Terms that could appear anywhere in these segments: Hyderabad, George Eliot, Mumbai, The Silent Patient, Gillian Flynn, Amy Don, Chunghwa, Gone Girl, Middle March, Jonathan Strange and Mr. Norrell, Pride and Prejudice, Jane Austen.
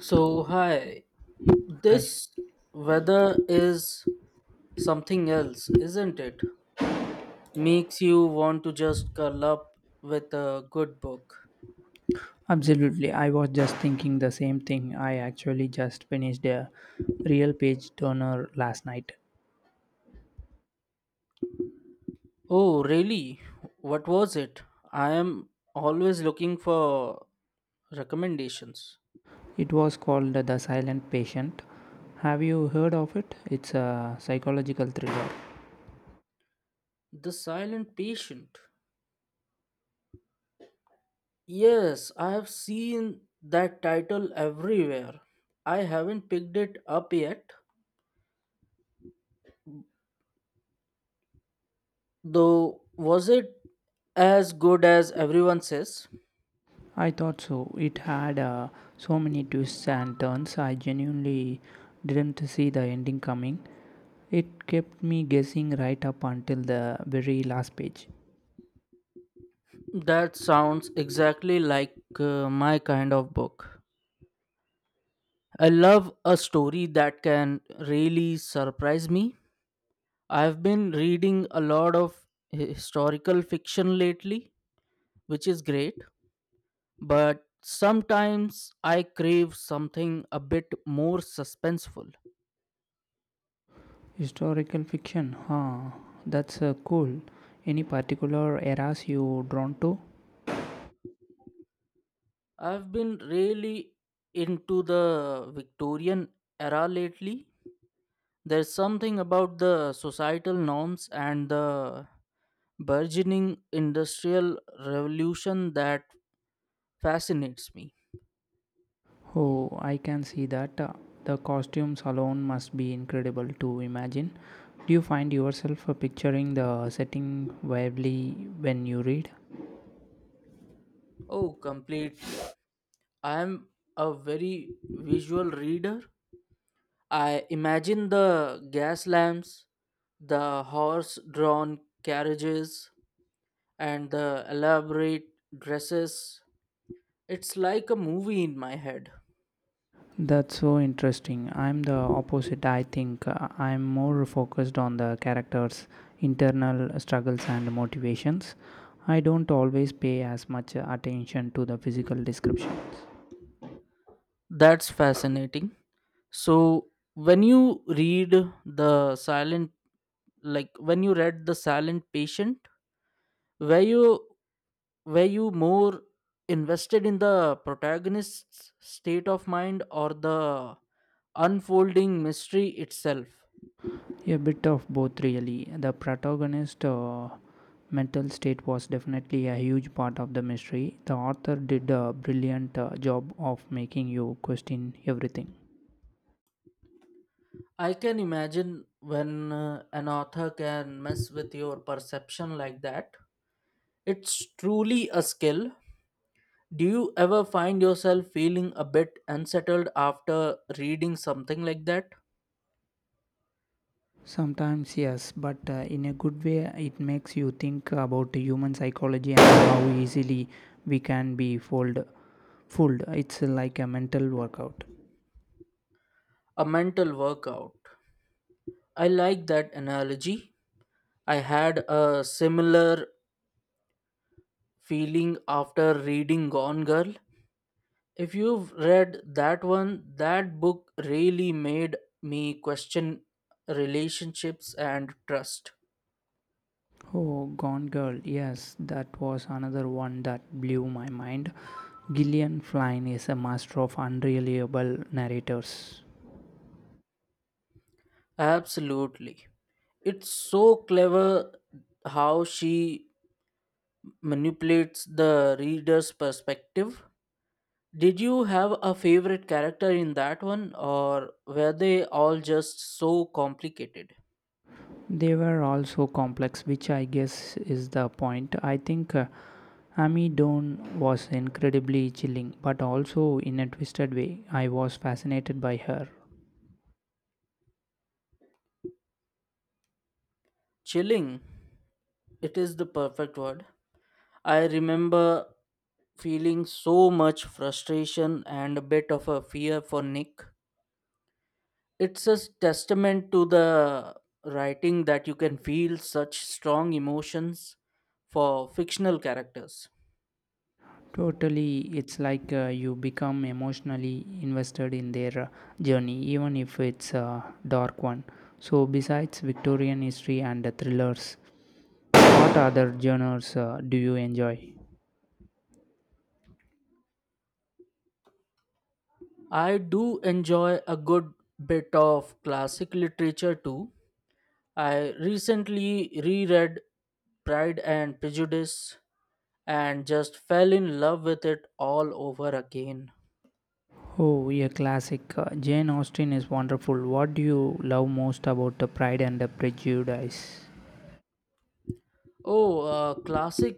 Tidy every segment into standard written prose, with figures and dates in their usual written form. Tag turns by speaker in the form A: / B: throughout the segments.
A: So, hi,
B: I
A: this weather is something else, isn't it? Makes you want to just curl up with a good book.
B: absolutely. I was just thinking the same thing. I actually just finished a real page turner last night.
A: Oh, really? What was it? I am always looking for recommendations.
B: It was called The Silent Patient. Have you heard of it? It's a psychological thriller.
A: The Silent Patient. Yes, I have seen that title everywhere. I haven't picked it up yet, though, was it as good as everyone says?
B: I thought so. It had so many twists and turns. I genuinely didn't see the ending coming. It kept me guessing right up until the very last page.
A: That sounds exactly like my kind of book. I love a story that can really surprise me. I've been reading a lot of historical fiction lately, which is great, but sometimes I crave something a bit more suspenseful.
B: Historical fiction, huh? That's cool. Any particular eras you drawn to?
A: I've been really into the Victorian era lately. There's something about the societal norms and the burgeoning industrial revolution that fascinates me.
B: Oh, I can see that. The costumes alone must be incredible to imagine. Do you find yourself picturing the setting vividly when you read?
A: Oh, completely. I am a very visual reader. I imagine the gas lamps, the horse drawn carriages, and the elaborate dresses. It's like a movie in my head.
B: That's so interesting. I'm the opposite, I think. I'm more focused on the characters' internal struggles and motivations. I don't always pay as much attention to the physical descriptions.
A: That's fascinating. So when you read the silent when you read The Silent Patient, were you were you more invested in the protagonist's state of mind or the unfolding mystery itself?
B: A bit of both, really. The protagonist's mental state was definitely a huge part of the mystery. The author did a brilliant job of making you question everything.
A: I can imagine when an author can mess with your perception like that. It's truly a skill. Do you ever find yourself feeling a bit unsettled after reading something like that?
B: Sometimes, yes, but in a good way, it makes you think about human psychology and how easily we can be fooled. It's like a mental workout.
A: A mental workout. I like that analogy. I had a similar feeling after reading Gone Girl. If you've read that one, that book really made me question relationships and trust.
B: Oh, Gone Girl, yes, that was another one that blew my mind. Gillian Flynn is a master of unreliable narrators.
A: Absolutely. It's so clever how she manipulates the reader's perspective. Did you have a favorite character in that one, or were they all just so complicated?
B: They were all so complex, which I guess is the point. I think Amy Don was incredibly chilling, but also in a twisted way. I was fascinated by her.
A: Chilling, it is the perfect word. I remember feeling so much frustration and a bit of a fear for Nick. It's a testament to the writing that you can feel such strong emotions for fictional characters.
B: Totally, it's like you become emotionally invested in their journey, even if it's a dark one. So, besides Victorian history and thrillers, what other genres do you enjoy?
A: I do enjoy a good bit of classic literature too. I recently reread Pride and Prejudice and just fell in love with it all over again.
B: Oh, a classic. Jane Austen is wonderful. What do you love most about the Pride and the Prejudice?
A: Oh, classic,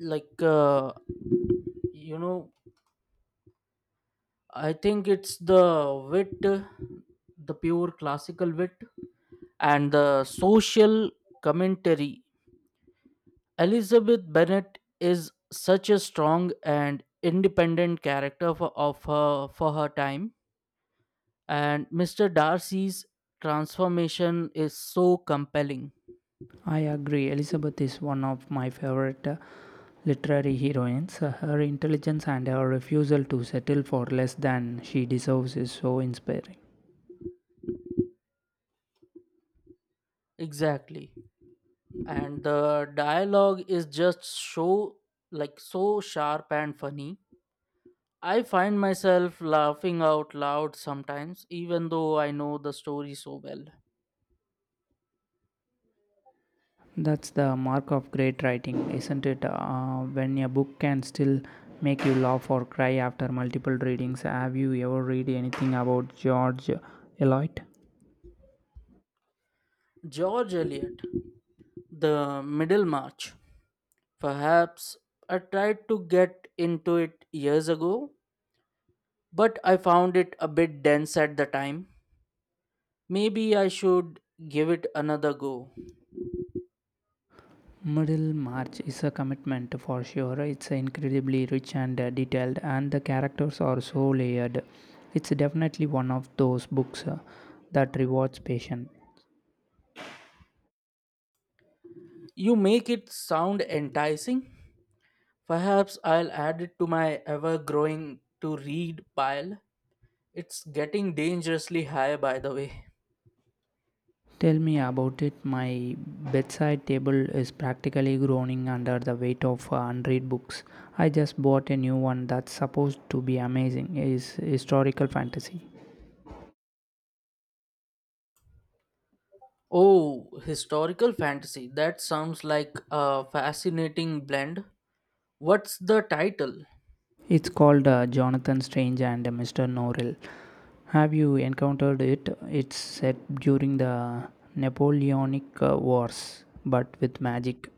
A: like, uh, you know, I think it's the wit, the pure classical wit, and the social commentary. Elizabeth Bennet is such a strong and independent character for her time, and Mr. Darcy's transformation is so compelling.
B: I agree. Elizabeth is one of my favorite literary heroines. Her intelligence and her refusal to settle for less than she deserves is so inspiring.
A: Exactly. And the dialogue is just so sharp and funny. I find myself laughing out loud sometimes even though I know the story so well.
B: That's the mark of great writing, isn't it? When a book can still make you laugh or cry after multiple readings. Have you ever read anything about George Eliot?
A: George Eliot, The Middlemarch. Perhaps I tried to get into it years ago, but I found it a bit dense at the time. Maybe I should give it another go.
B: Middle March is a commitment for sure. It's incredibly rich and detailed, and the characters are so layered. It's definitely one of those books that rewards patience.
A: You make it sound enticing. Perhaps I'll add it to my ever growing to read pile. It's getting dangerously high, by the way.
B: Tell me about it. My bedside table is practically groaning under the weight of unread books. I just bought a new one that's supposed to be amazing. It's historical fantasy.
A: Oh, historical fantasy. That sounds like a fascinating blend. What's the title?
B: It's called Jonathan Strange and Mr. Norrell. Have you encountered it? It's set during the Napoleonic Wars, but with magic.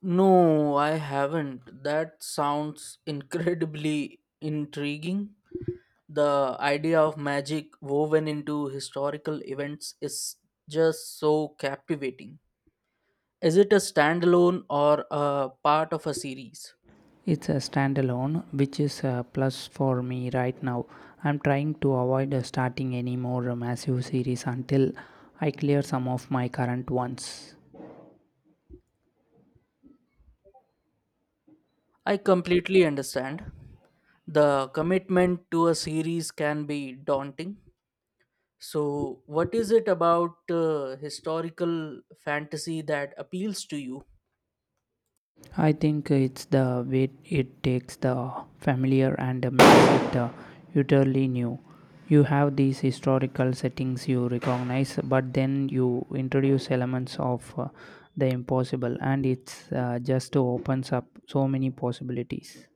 A: No, I haven't. That sounds incredibly intriguing. The idea of magic woven into historical events is just so captivating. Is it a standalone or a part of a series?
B: It's a standalone, which is a plus for me right now. I'm trying to avoid starting any more massive series until I clear some of my current ones.
A: I completely understand. The commitment to a series can be daunting. So, what is it about historical fantasy that appeals to you?
B: I think it's the way it takes the familiar and makes it utterly new. You have these historical settings you recognize, but then you introduce elements of the impossible, and it's just opens up so many possibilities.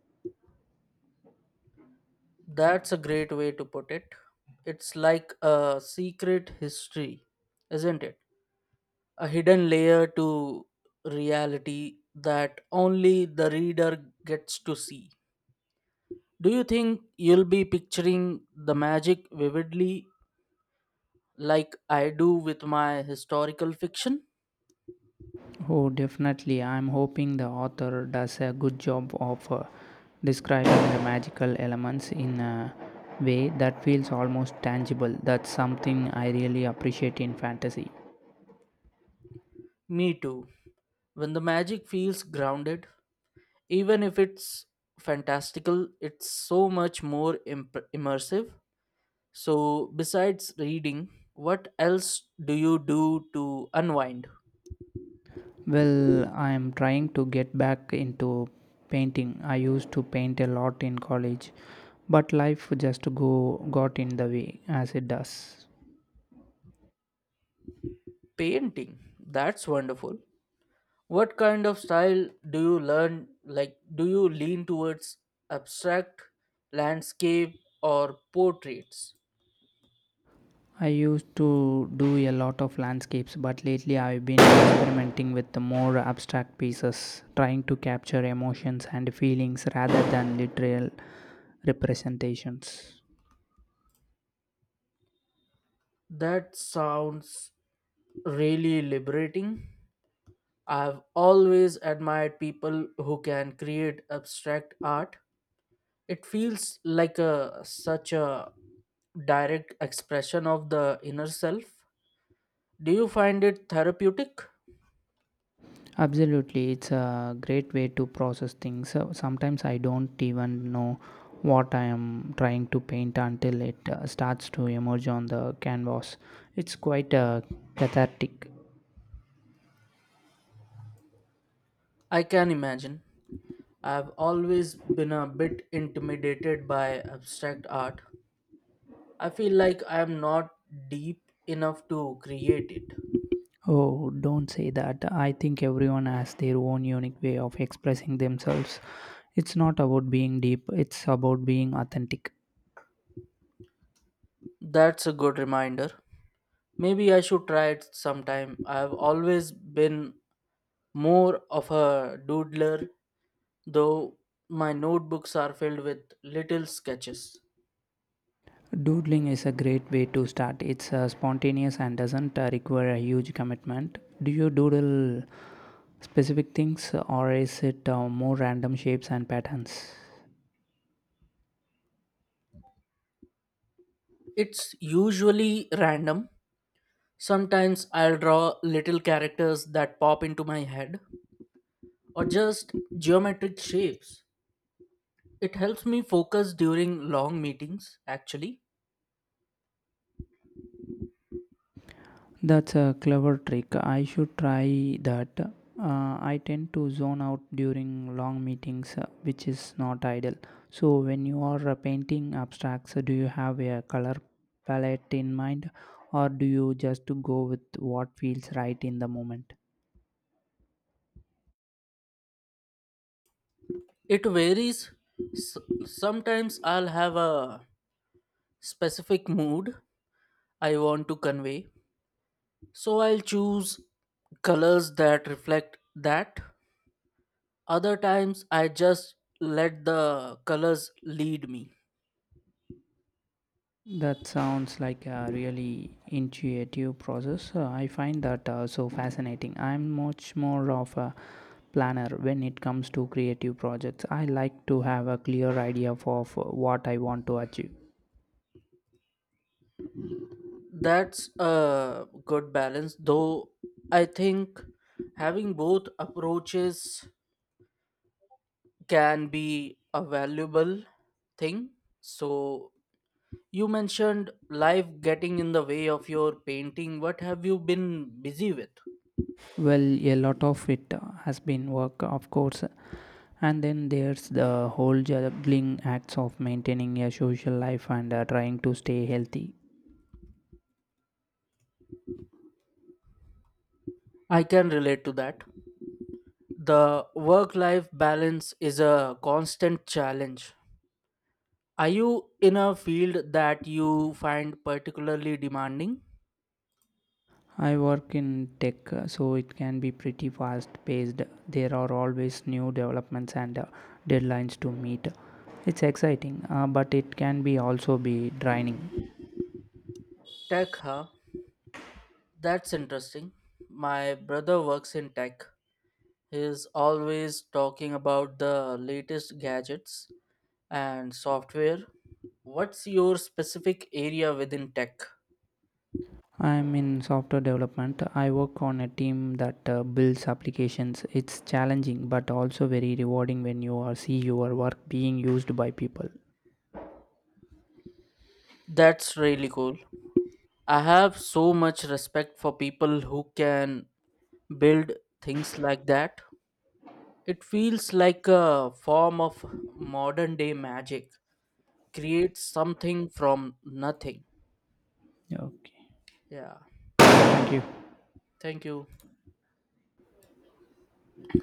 A: That's a great way to put it. It's like a secret history, isn't it? A hidden layer to reality that only the reader gets to see. Do you think you'll be picturing the magic vividly like I do with my historical fiction?
B: Oh, definitely. I'm hoping the author does a good job of describing the magical elements in a way that feels almost tangible. That's something I really appreciate in fantasy.
A: Me too. When the magic feels grounded, even if it's fantastical, it's so much more immersive. So, besides reading, what else do you do to unwind?
B: Well, I am trying to get back into painting. I used to paint a lot in college, but life just go got in the way as it does.
A: Painting. That's wonderful. What kind of style do you learn? Like, do you lean towards abstract, landscape, or portraits?
B: I used to do a lot of landscapes, but lately I've been experimenting with the more abstract pieces, trying to capture emotions and feelings rather than literal representations.
A: That sounds really liberating. I've always admired people who can create abstract art. It feels like a such a direct expression of the inner self. Do you find it therapeutic?
B: Absolutely, it's a great way to process things. So sometimes I don't even know what I am trying to paint until it starts to emerge on the canvas. It's quite cathartic.
A: I can imagine. I've always been a bit intimidated by abstract art. I feel like I'm not deep enough to create it.
B: Oh, don't say that. I think everyone has their own unique way of expressing themselves. It's not about being deep, it's about being authentic.
A: That's a good reminder. Maybe I should try it sometime. I've always been more of a doodler, though my notebooks are filled with little sketches.
B: Doodling is a great way to start. It's spontaneous and doesn't require a huge commitment. Do you doodle specific things, or is it more random shapes and patterns?
A: It's usually random. Sometimes I'll draw little characters that pop into my head, or just geometric shapes. It helps me focus during long meetings, actually.
B: That's a clever trick. I should try that. I tend to zone out during long meetings, which is not ideal. So, when you are painting abstracts, do you have a color palette in mind, or do you just go with what feels right in the moment?
A: It varies. S- Sometimes I'll have a specific mood I want to convey, so I'll choose colors that reflect that. Other times I just let the colors lead me.
B: That sounds like a really intuitive process. I find that so fascinating. I'm much more of a planner when it comes to creative projects. I like to have a clear idea of what I want to achieve.
A: That's a good balance, though I think having both approaches can be a valuable thing. So, you mentioned life getting in the way of your painting. What have you been busy with?
B: Well, a lot of it has been work, of course, and then there's the whole juggling acts of maintaining a social life and trying to stay healthy.
A: I can relate to that. The work life balance is a constant challenge. Are you in a field that you find particularly demanding?
B: I work in tech, so it can be pretty fast paced. There are always new developments and deadlines to meet. It's exciting, but it can be also be draining.
A: Tech, huh? That's interesting. My brother works in tech. He's always talking about the latest gadgets and software. What's your specific area within tech?
B: I'm in software development. I work on a team that builds applications. It's challenging, but also very rewarding when you are see your work being used by people.
A: That's really cool. I have so much respect for people who can build things like that. It feels like a form of modern day magic. Create something from nothing.
B: Okay.
A: Yeah.
B: Thank you.
A: Thank you.